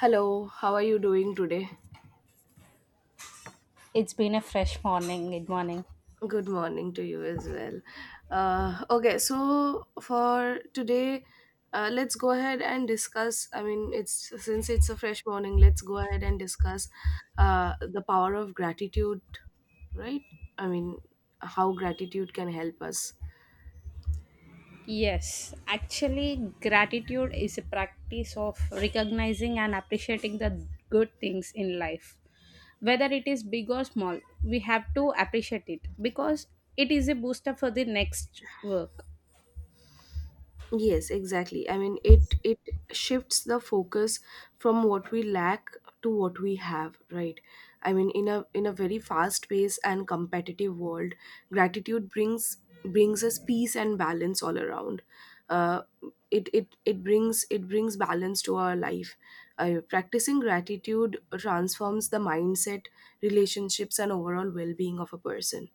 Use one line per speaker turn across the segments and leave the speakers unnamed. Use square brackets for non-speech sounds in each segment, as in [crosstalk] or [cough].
Hello, how are you doing today?
It's been a fresh morning. Good morning.
Good morning to you as well. Okay, so for today, let's go ahead and discuss. I mean, it's since it's a fresh morning, let's go ahead and discuss the power of gratitude, right? I mean, how gratitude can help us.
Yes, actually, gratitude is a practice of recognizing and appreciating the good things in life. Whether it is big or small, we have to appreciate it because it is a booster for the next work.
Yes, exactly. I mean, it shifts the focus from what we lack to what we have, right? I mean, in a very fast paced and competitive world, gratitude brings us peace and balance all around. Uh, it brings balance to our life. Practicing gratitude transforms the mindset, relationships, and overall well being of a person.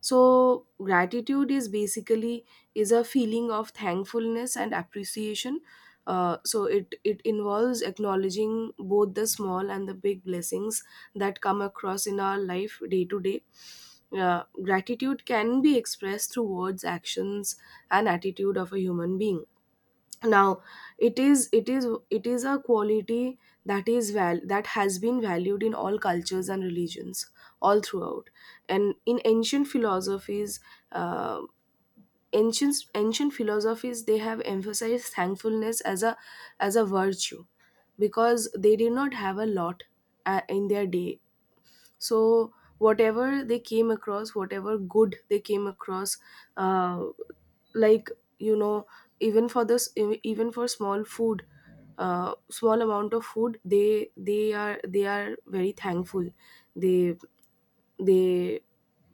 So gratitude is basically is a feeling of thankfulness and appreciation. So it involves acknowledging both the small and the big blessings that come across in our life day to day. Gratitude can be expressed through words, actions, and attitude of a human being. Now, it is a quality that has been valued in all cultures and religions all throughout. And in ancient philosophies, uh ancient philosophies they have emphasized thankfulness as a virtue, because they did not have a lot in their day. So whatever they came across, whatever good they came across uh, like you know even for even for small food, small amount of food, they are very thankful. They they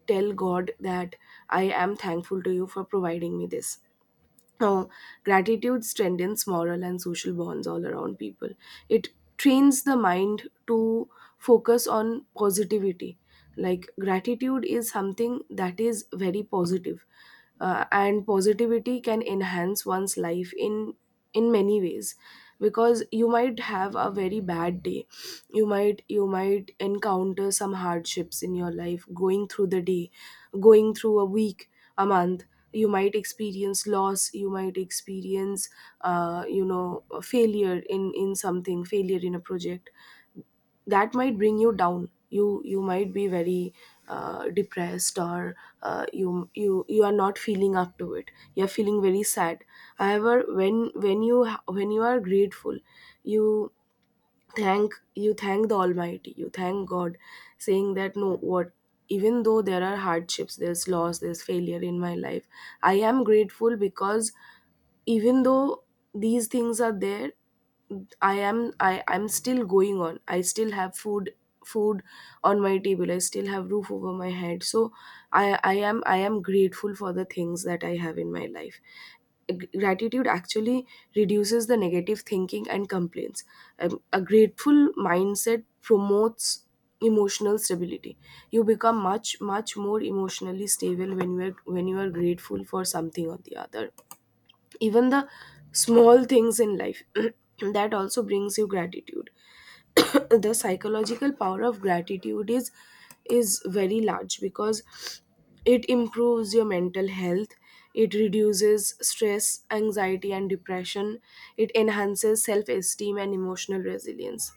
tell god that I am thankful to you for providing me this. uh, Gratitude strengthens moral and social bonds all around people. It trains the mind to focus on positivity. Like gratitude is something that is very positive, and positivity can enhance one's life in many ways, because you might have a very bad day. You might encounter some hardships in your life, going through the day, going through a week, a month. You might experience loss, you might experience a failure in something, failure in a project. That might bring you down. You might be very depressed, or you are not feeling up to it, you are feeling very sad. However, when you are grateful, you thank the almighty, you thank god, saying that no, what, even though there are hardships, there's loss, there's failure in my life, I am grateful, because even though these things are there, I'm still going on. I still have food on my table, I still have roof over my head. So I am grateful for the things that I have in my life. Gratitude actually reduces the negative thinking and complaints. A grateful mindset promotes emotional stability. You become much more emotionally stable when you are grateful for something or the other. Even the small things in life [clears throat] that also brings you gratitude. [coughs] [clears throat] The psychological power of gratitude is very large, because it improves your mental health, it reduces stress, anxiety and depression, it enhances self esteem and emotional resilience.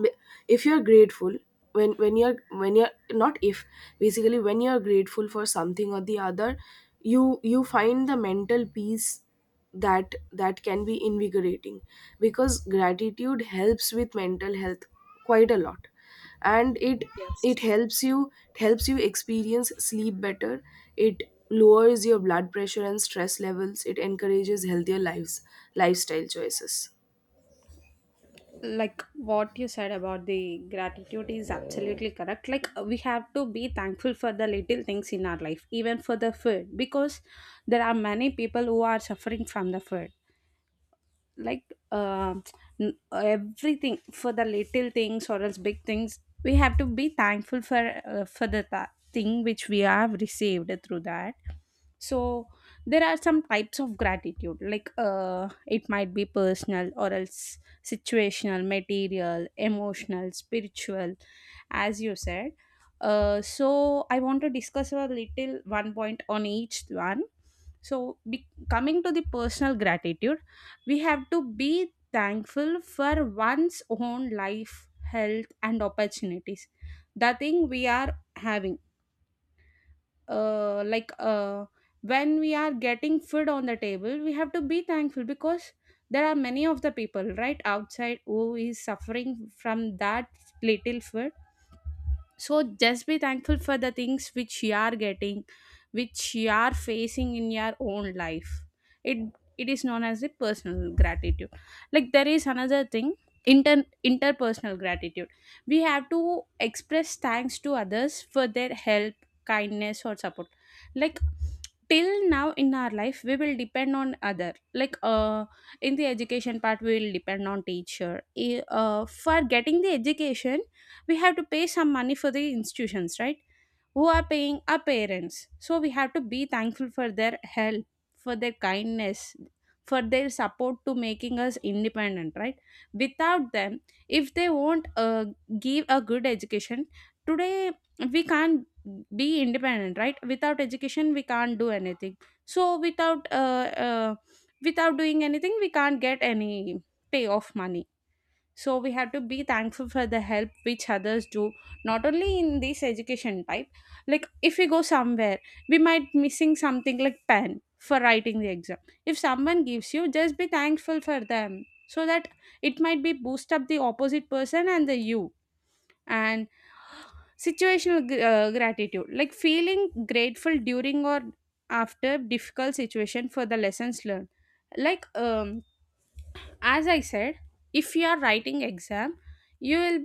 B- if you're grateful, when when you're when you're not if basically when you're grateful for something or the other, you find the mental peace that that can be invigorating, because gratitude helps with mental health quite a lot. And it
Yes.
helps you, it helps you experience sleep better, it lowers your blood pressure and stress levels, it encourages healthier lives lifestyle choices.
Like what you said about the gratitude is absolutely correct. Like, we have to be thankful for the little things in our life, even for the food, because there are many people who are suffering from the food, like uh, everything. For the little things or else big things, we have to be thankful for, for the thing which we have received through that. So there are some types of gratitude, like it might be personal or else situational, material, emotional, spiritual, as you said. So I want to discuss a little one point on each one. So, coming to the personal gratitude, we have to be thankful for one's own life, health, and opportunities, the thing we are having. Like, when we are getting food on the table, we have to be thankful because there are many of the people right outside who is suffering from that little food. So just be thankful for the things which you are getting, which you are facing in your own life. It it is known as the personal gratitude. Like, there is another thing, inter interpersonal gratitude. We have to express thanks to others for their help, kindness, or support. Like, till now in our life we will depend on other, like, in the education part we will depend on teacher. For getting the education, we have to pay some money for the institutions, right, who are paying our parents, so we have to be thankful for their help, for their kindness, for their support, to making us independent, right? Without them, if they won't give a good education, today we can't be independent, right? Without education we can't do anything. So without without doing anything, we can't get any pay of money. So we have to be thankful for the help which others do, not only in this education type. Like, if we go somewhere, we might missing something like pen for writing the exam. If someone gives you, just be thankful for them so that it might be boost up the opposite person and the you. And situational gratitude, like feeling grateful during or after difficult situation for the lessons learned. Like, as I said, if you are writing exam, you will,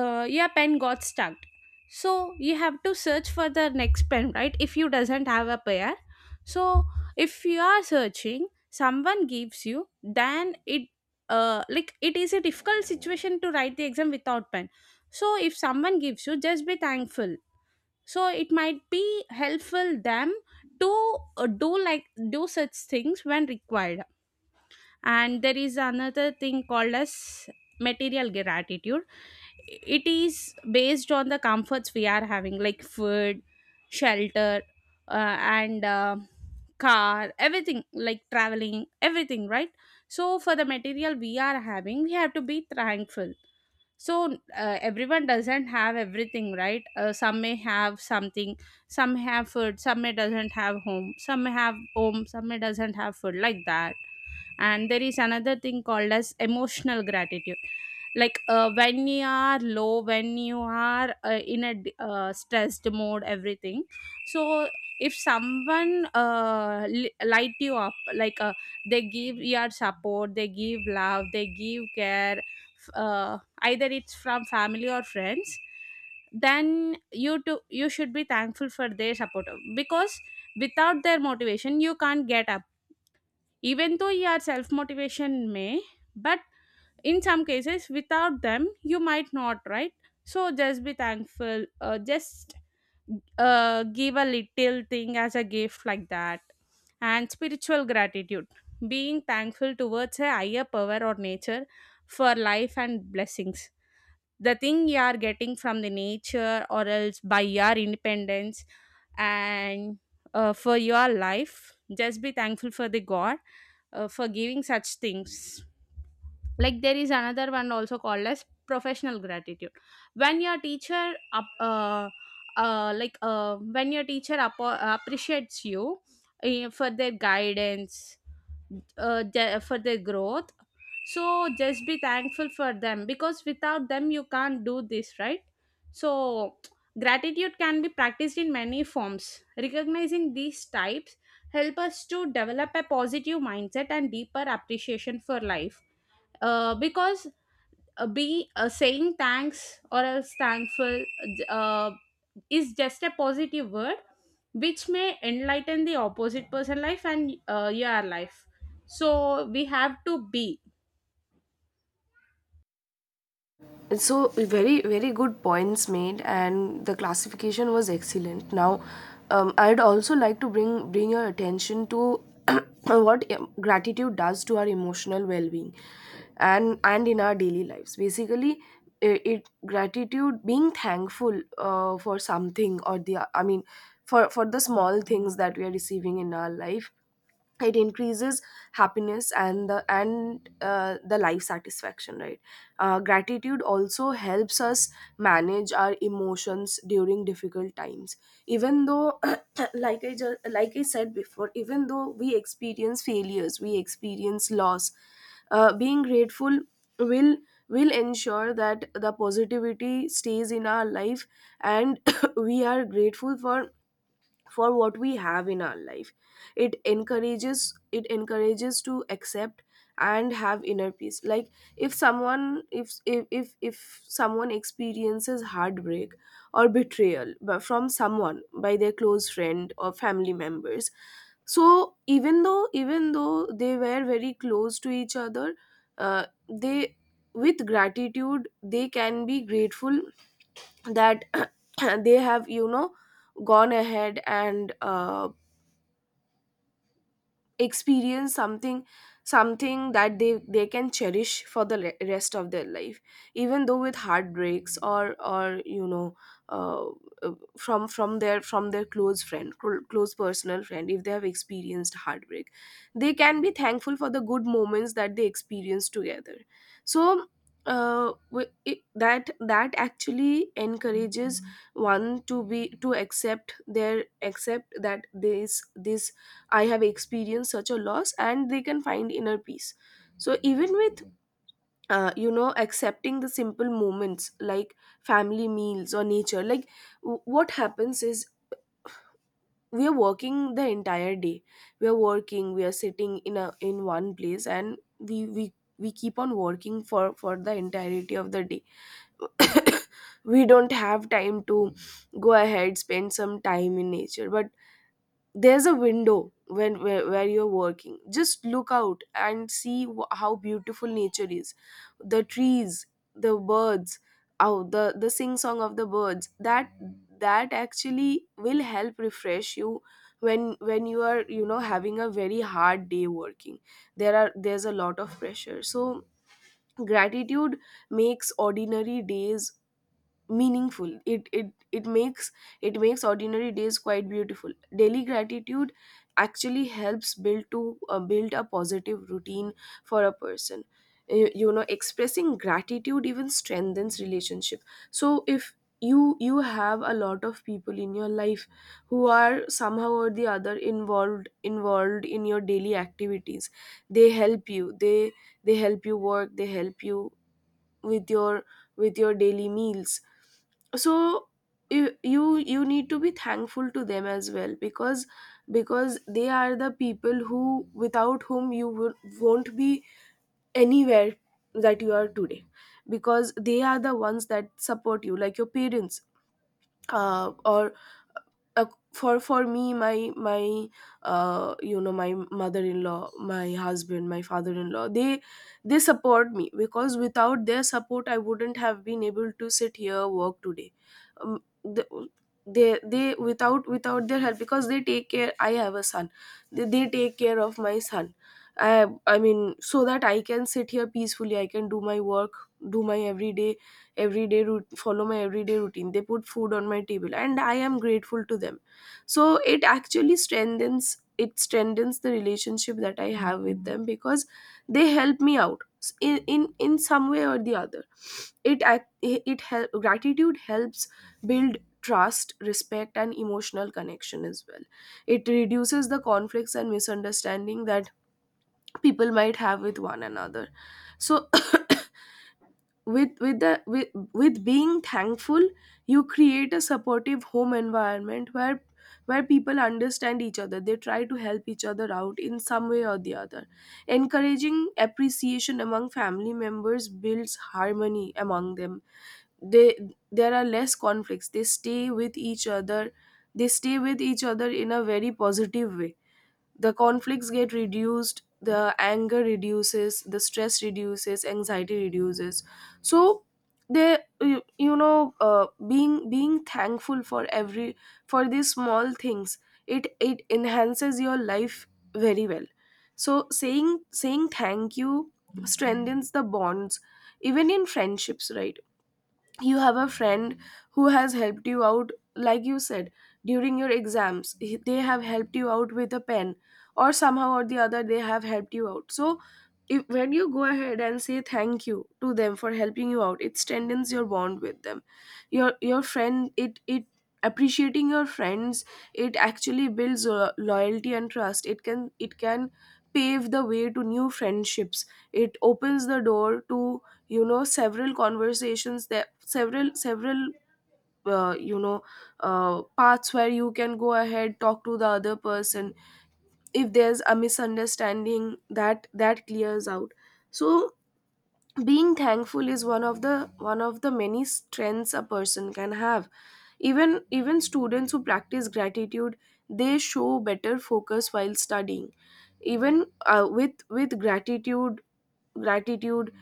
your pen got stuck, so you have to search for the next pen, right, if you doesn't have a pair. So if you are searching, someone gives you, then it like it is a difficult situation to write the exam without pen. So if someone gives you, just be thankful. So it might be helpful them to, do, like do such things when required. And there is another thing called as material gratitude. It is based on the comforts we are having, like food, shelter, uh, and car, everything, like traveling, everything, right? So for the material we are having, we have to be thankful. So everyone doesn't have everything, right? Some may have something, some have food, some may doesn't have home, some may have home, some may doesn't have food, like that. And there is another thing called as emotional gratitude. Like, when you are low, when you are in a stressed mode, everything. So if someone, light you up, like, they give your support, they give love, they give care, either it's from family or friends. Then you too you should be thankful for their support because without their motivation you can't get up. Even though you are self motivation may, but in some cases without them you might not, right? So just be thankful, just, give a little thing as a gift, like that. And spiritual gratitude, being thankful towards a higher power or nature for life and blessings, the thing you are getting from the nature or else by your independence. And, for your life, just be thankful for the god, for giving such things. Like, there is another one also called as professional gratitude. When your teacher up, like when your teacher appo- appreciates you, for their guidance, for their growth. So just be thankful for them because without them you can't do this, right? So gratitude can be practiced in many forms. Recognizing these types help us to develop a positive mindset and deeper appreciation for life. Because, be saying thanks or else thankful uh, is just a positive word which may enlighten the opposite person life and, your life. So we have to be.
So very very good points made and the classification was excellent. Now, I'd also like to bring your attention to [clears throat] what gratitude does to our emotional well-being, and in our daily lives. Basically it, it gratitude being thankful for something or the I mean for the small things that we are receiving in our life, it increases happiness and the life satisfaction, right? Gratitude also helps us manage our emotions during difficult times. Even though [coughs] [clears throat] like I said before, even though we experience failures, we experience loss, being grateful will will ensure that the positivity stays in our life, and [coughs] [clears throat] we are grateful for what we have in our life. It encourages, it encourages to accept and have inner peace. Like if someone, if someone experiences heartbreak or betrayal from someone, by their close friend or family members, so even though they were very close to each other, they with gratitude they can be grateful that [clears throat] they have, you know, gone ahead and experience something, something that they can cherish for the rest of their life. Even though with heartbreaks, or, you know, uh, uh, from their close friend, close personal friend, if they have experienced heartbreak, they can be thankful for the good moments that they experienced together. So that that actually encourages one to be to accept their, accept that this, I have experienced such a loss, and they can find inner peace. So, even with, you know, accepting the simple moments like family meals or nature, like what happens is we are working the entire day. We are working, we are sitting in a in one place, and we keep on working for the entirety of the day. [coughs] We don't have time to go ahead, spend some time in nature, but there's a window when, where you're working just look out and see how beautiful nature is. The trees, the birds. Oh, the sing song of the birds, that that actually will help refresh you when you are, you know, having a very hard day working, there are, there's a lot of pressure. So gratitude makes ordinary days meaningful. It makes ordinary days quite beautiful. Daily gratitude actually helps build a positive routine for a person. You know, expressing gratitude even strengthens relationship. So if you have a lot of people in your life who are somehow or the other involved in your daily activities, they help you, they help you work, they help you with your with your daily meals. So you need to be thankful to them as well, because they are the people who, without whom you won't be anywhere that you are today, because they are the ones that support you, like your parents, or uh, for me my my you know, my mother-in-law, my husband, my father-in-law, they support me, because without their support I wouldn't have been able to sit here work today. Um, the, they they without without their help, because they take care, I have a son, they take care of my son, I mean, so that I can sit here peacefully, I can do my work, do my everyday everyday route follow my everyday routine, they put food on my table, and I am grateful to them. So it actually strengthens, it strengthens the relationship that I have with them, because they help me out in some way or the other. It act, it help, gratitude helps build trust, respect and emotional connection as well. It reduces the conflicts and misunderstanding that people might have with one another. So with being thankful you create a supportive home environment where people understand each other, they try to help each other out in some way or the other. Encouraging appreciation among family members builds harmony among them. They, there are less conflicts, they stay with each other, they stay with each other in a very positive way. The conflicts get reduced, the anger reduces, the stress reduces, anxiety reduces. So they, you know, being thankful for every for these small things, it enhances your life very well. So saying thank you strengthens the bonds, even in friendships, right? You have a friend who has helped you out, like you said, during your exams. They have helped you out with a pen, or somehow or the other they have helped you out. So if, when you go ahead and say thank you to them for helping you out, it strengthens your bond with them, your friend. It appreciating your friends, it actually builds loyalty and trust. It can pave the way to new friendships. It opens the door to, you know, several conversations. There, several uh, you know paths where you can go ahead, talk to the other person, if there's a misunderstanding, that that clears out. So being thankful is one of the many Strengths a person can have. Even students who practice gratitude, they show better focus while studying. Even with gratitude,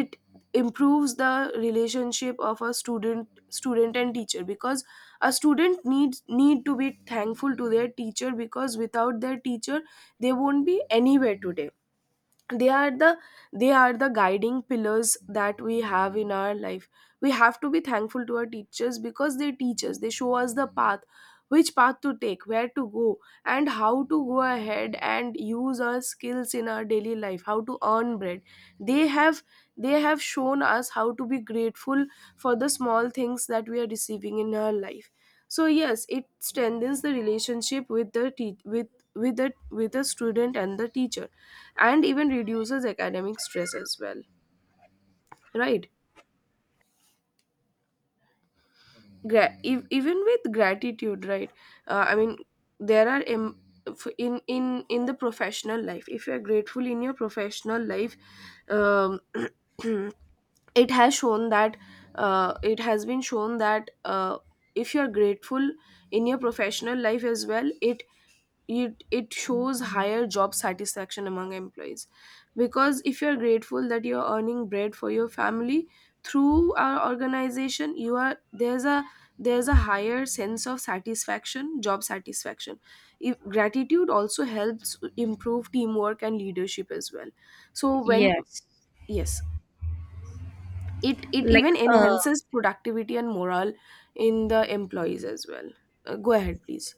it improves the relationship of a student and teacher, because a student needs need to be thankful to their teacher, because without their teacher they won't be anywhere today. they are the they are the guiding pillars that we have in our life. We have to be thankful to our teachers because they teach us, they show us the path, which path to take, where to go, and how to go ahead and use our skills in our daily life, how to earn bread. They have they have shown us how to be grateful for the small things that we are receiving in our life. So yes, it strengthens the relationship with with the student and the teacher, and even reduces academic stress as well. Right. Even with gratitude, right? I mean, there are em- f- in the professional life, if you are grateful in your professional life, um, [clears throat] it has shown that it has been shown that if you are grateful in your professional life as well, it it shows higher job satisfaction among employees. Because if you're grateful that you're earning bread for your family through our organization, you are— there's a— there's a higher sense of satisfaction, job satisfaction. If— gratitude also helps improve teamwork and leadership as well. So when
Yes.
Yes, it
Like
even
uh
enhances productivity and morale in the employees as well. Go ahead please.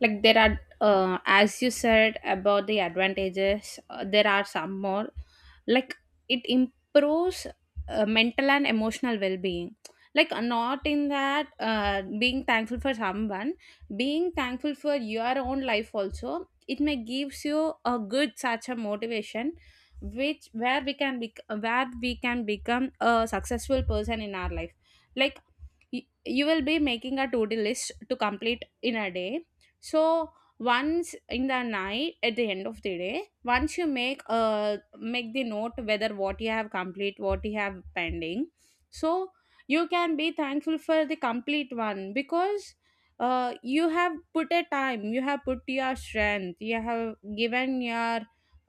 like there are, as you said about the advantages, there are some more. Like, it improves, mental and emotional well-being. Like, not in that, being thankful for someone, being thankful for your own life also, it may gives you a good such a motivation, which where we can become a successful person in our life. Like, you will be making a to-do list to complete in a day. So once in the night, at the end of the day, once you make the note whether what you have complete, what you have pending. So you can be thankful for the complete one because you have put a time, you have put your strength, you have given your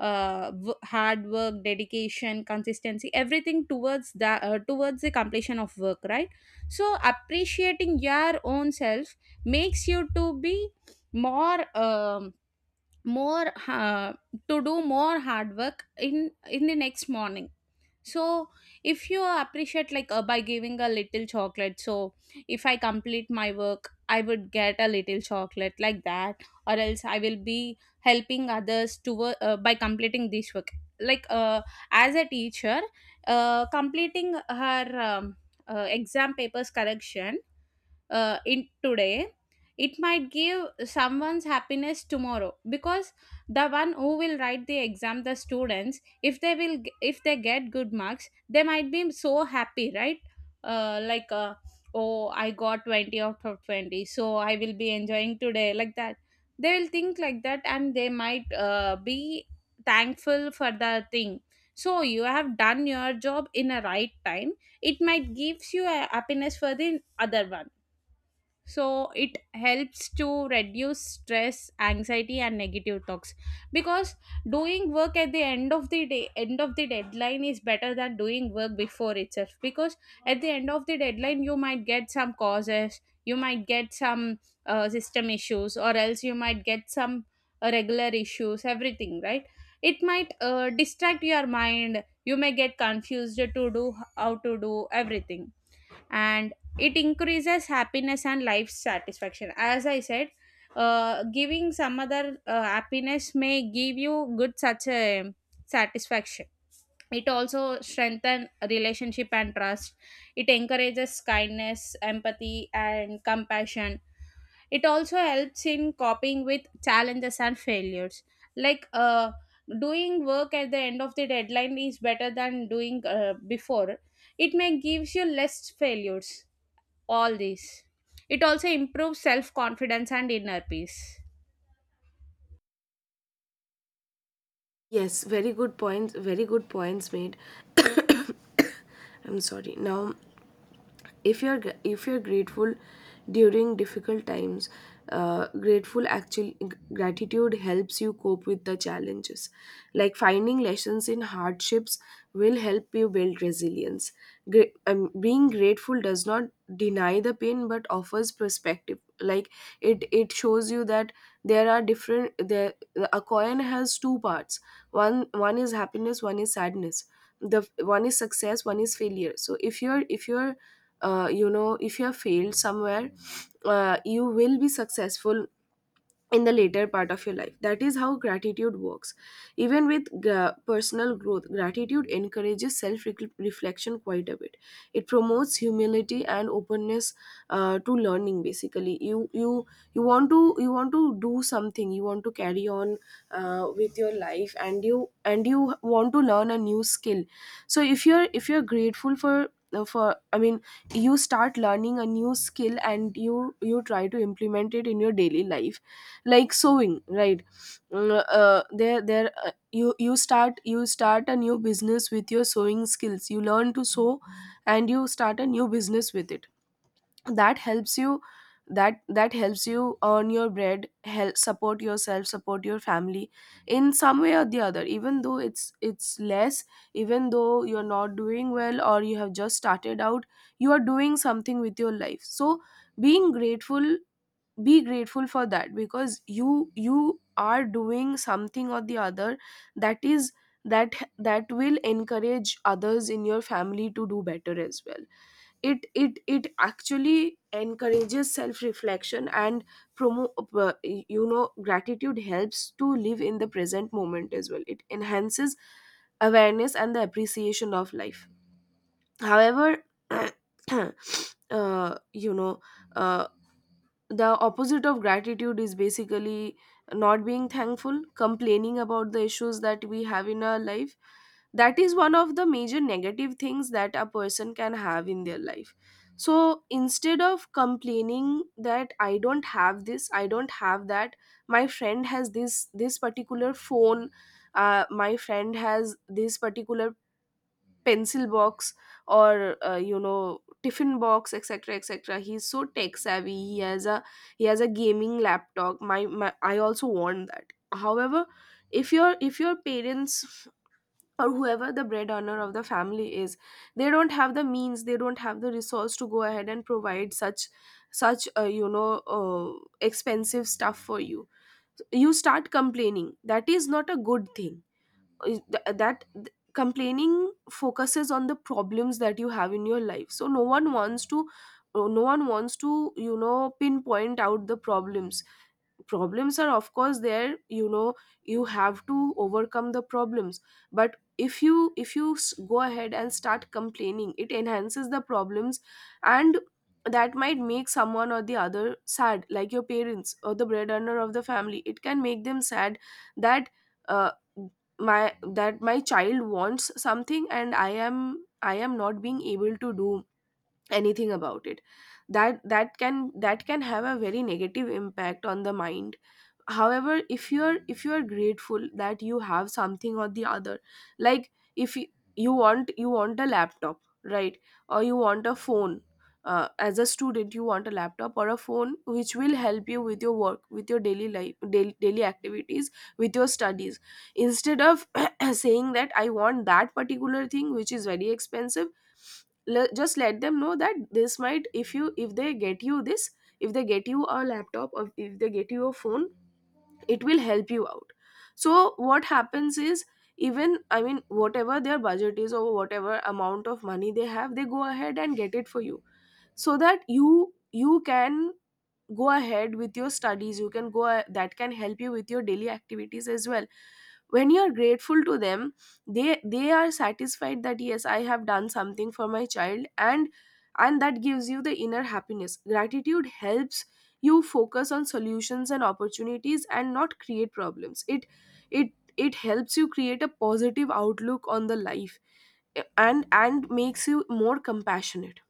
hard work, dedication, consistency, everything towards the completion of work, right? So appreciating your own self makes you to be more, more uh, to do more hard work in the next morning. So if you appreciate, like, by giving a little chocolate, so if I complete my work I would get a little chocolate, like that. Or else I will be helping others to by completing this work. Like, as a teacher completing her exam papers correction in today. It might give someone's happiness tomorrow because the one who will write the exam, the students, if they get good marks, they might be so happy, right? Like, oh, I got 20 out of 20, so I will be enjoying today, like that. They will think like that, and they might, be thankful for the thing. So you have done your job in a right time. It might gives you a happiness for the other one. So it helps to reduce stress, anxiety, and negative talks, because doing work at the end of the day, end of the deadline, is better than doing work before itself. Because at the end of the deadline you might get some causes, you might get some, system issues, or else you might get some, regular issues, everything, right? It might, distract your mind, you may get confused to do how to do everything. And it increases happiness and life satisfaction, as I said. Giving some other, happiness may give you good such a satisfaction. It also strengthens relationship and trust. It encourages kindness, empathy, and compassion. It also helps in coping with challenges and failures. Like, doing work at the end of the deadline is better than doing, before. It may gives you less failures, all these. It also improves self confidence and inner peace.
Yes, very good points, very good points made. I'm sorry. Now, if you're grateful during difficult times, grateful actual gratitude helps you cope with the challenges. Like finding lessons in hardships will help you build resilience. Being grateful does not deny the pain but offers perspective. Like, it shows you that there are different there a coin has two parts. One is happiness, one is sadness. The one is success, one is failure. So if you're— if you're you know, if you have failed somewhere, you will be successful in the later part of your life. That is how gratitude works. Even with personal growth, gratitude encourages self reflection quite a bit. It promotes humility and openness to learning. Basically, you you want to— you want to do something. You want to carry on with your life, and you— and you want to learn a new skill. So if you're grateful for you start learning a new skill and you try to implement it in your daily life, like sewing, right? Mm, there there you start— you start a new business with your sewing skills. You learn to sew and you start a new business with it. That helps you— that helps you earn your bread, help support yourself, support your family, in some way or the other, even though it's less, even though you're not doing well or you have just started out, you are doing something with your life. So being grateful— be grateful for that, because you are doing something or the other. That is— that will encourage others in your family to do better as well. It actually encourages self reflection and promo you know, gratitude helps to live in the present moment as well. It enhances awareness and the appreciation of life. However, [clears throat] uh, you know uh, the opposite of gratitude is basically not being thankful, complaining about the issues that we have in our life. That is one of the major negative things that a person can have in their life. So instead of complaining that I don't have this, I don't have that, my friend has this particular phone, my friend has this particular pencil box, or you know, tiffin box, etc., etc. He's so tech savvy, he has a— he has a gaming laptop. My, I also want that. However, if your— if your parents, or whoever the bread earner of the family is, they don't have the means, they don't have the resource to go ahead and provide such— such expensive stuff for you, you start complaining. That is not a good thing. Is th- that th- complaining focuses on the problems that you have in your life, so no one wants to— no one wants to, you know, pinpoint out the problems. Problems are of course there, you know. You have to overcome the problems. But if you— go ahead and start complaining, it enhances the problems. And that might make someone or the other sad, like your parents or the breadwinner of the family. It can make them sad. That uh, my child wants something and I am— I am not being able to do anything about it. That can that can have a very negative impact on the mind. However, if you are— if you are grateful that you have something or the other, like if you— you want— you want a laptop, right? Or you want a phone. As a student, you want a laptop or a phone which will help you with your work, with your daily life, daily activities, with your studies. Instead of [clears throat] saying that I want that particular thing which is very expensive, just let them know that this might— if you— if they get you this, if they get you a laptop, or if they get you a phone, it will help you out. So what happens is, even— I mean, whatever their budget is or whatever amount of money they have, they go ahead and get it for you, so that you— you can go ahead with your studies. You can that can help you with your daily activities as well. When you are grateful to them, they are satisfied that yes, I have done something for my child. And that gives you the inner happiness. Gratitude helps you focus on solutions and opportunities and not create problems. It— it— it helps you create a positive outlook on the life. And makes you more compassionate.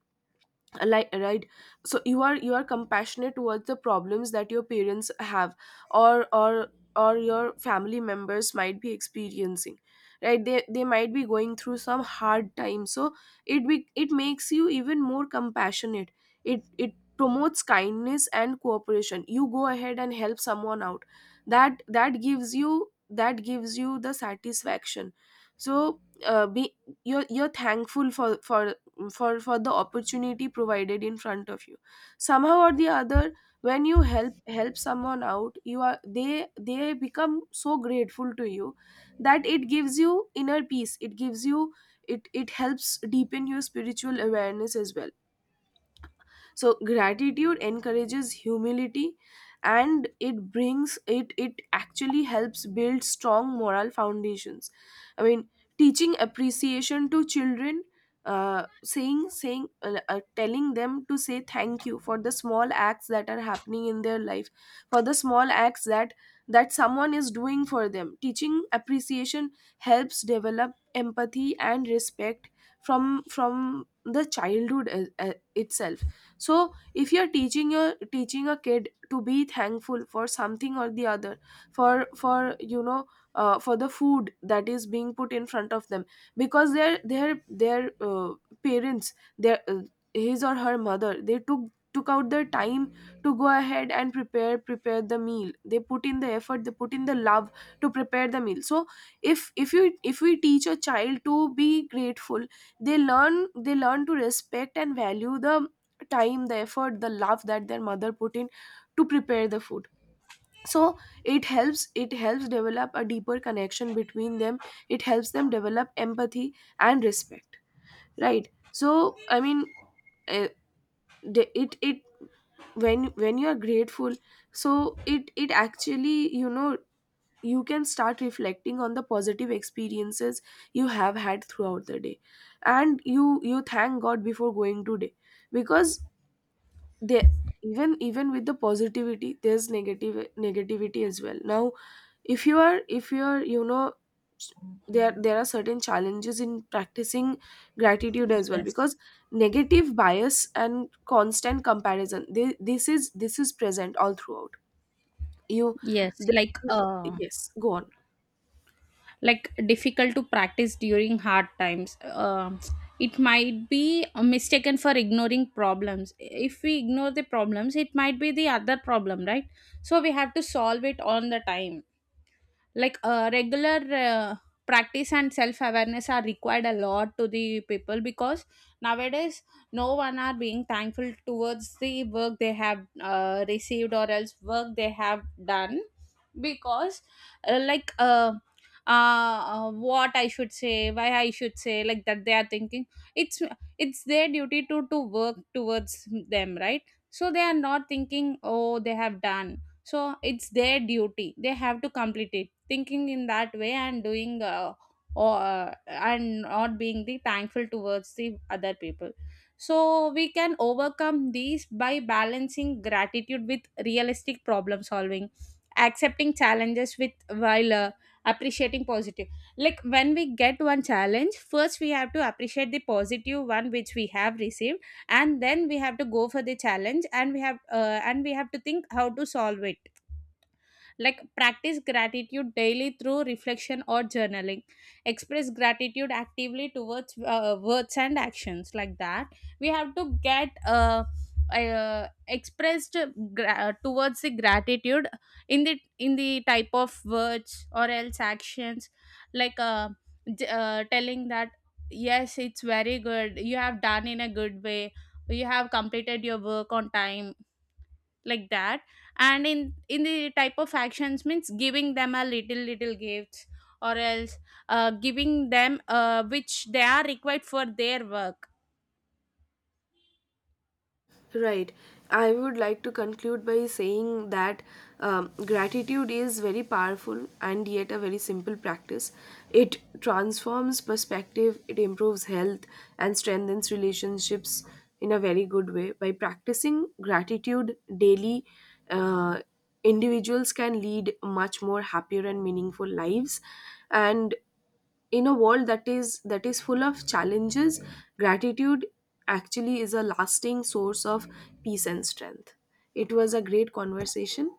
Like, right? So you are— you are compassionate towards the problems that your parents have, or or or your family members might be experiencing. Right, they— they might be going through some hard time. So it be— it makes you even more compassionate. It promotes kindness and cooperation. You go ahead and help someone out. That— that gives you— that gives you the satisfaction. So be— you're thankful for— for the opportunity provided in front of you somehow or the other. When you help someone out, you are— they become so grateful to you that it gives you inner peace. It gives you— it helps deepen your spiritual awareness as well. So gratitude encourages humility, and it brings— it actually helps build strong moral foundations. I mean, teaching appreciation to children, saying saying telling them to say thank you for the small acts that are happening in their life, for the small acts that someone is doing for them. Teaching appreciation helps develop empathy and respect from the childhood itself. So if you're teaching— your teaching a kid to be thankful for something or the other, for— for, you know, for the food that is being put in front of them. Because their— their— their parents, their his or her mother, they took out their time to go ahead and prepare the meal. They put in the effort, they put in the love to prepare the meal. So if— if you— if we teach a child to be grateful, they learn— they learn to respect and value the time, the effort, the love that their mother put in to prepare the food. So it helps— it helps develop a deeper connection between them. It helps them develop empathy and respect. Right, so I mean, eh, the- it when— when you are grateful, so it— it actually, you know, you can start reflecting on the positive experiences you have had throughout the day, and you— you thank god before going to day. Because they— even with the positivity, there's negative— negativity as well. Now, if you are— if you are, you know, s- there— there are certain challenges in practicing gratitude as well.
Yes,
Because negative bias and constant comparison, this is— this is present all throughout. You—
yes. Like,
th- yes, go on.
like difficult to practice during hard times. Um it might be mistaken for ignoring problems. If we ignore the problems, it might be the other problem, right? So we have to solve it on the time. Like, regular, uh, practice and self awareness are required a lot to the people because nowadays no one are being thankful towards the work they have, received or else work they have done. Because, like, what I should say, why I should say, like that they are thinking. It's it's their duty to work towards them, right? So they are not thinking, oh, they have done. So it's their duty, they have to complete it, thinking in that way, and doing, or and not being the thankful towards the other people. So we can overcome these by balancing gratitude with realistic problem solving, accepting challenges with while, appreciating positive. Like, when we get one challenge first we have to appreciate the positive one which we have received, and then we have to go for the challenge, and we have to think how to solve it. Like, practice gratitude daily through reflection or journaling. Express gratitude actively towards, words and actions, like that. We have to get, expressed towards the gratitude in the type of words or else actions. Like, telling that, yes, it's very good, you have done in a good way, you have completed your work on time, like that. And in the type of actions means giving them a little gifts, or else, giving them, which they are required for their work
Right. I would like to conclude by saying that gratitude is very powerful and yet a very simple practice. It transforms perspective, it improves health, and strengthens relationships in a very good way. By practicing gratitude daily, uh, individuals can lead much more happier and meaningful lives. And in a world that is— that is full of challenges, gratitude actually is a lasting source of peace and strength. It was a great conversation.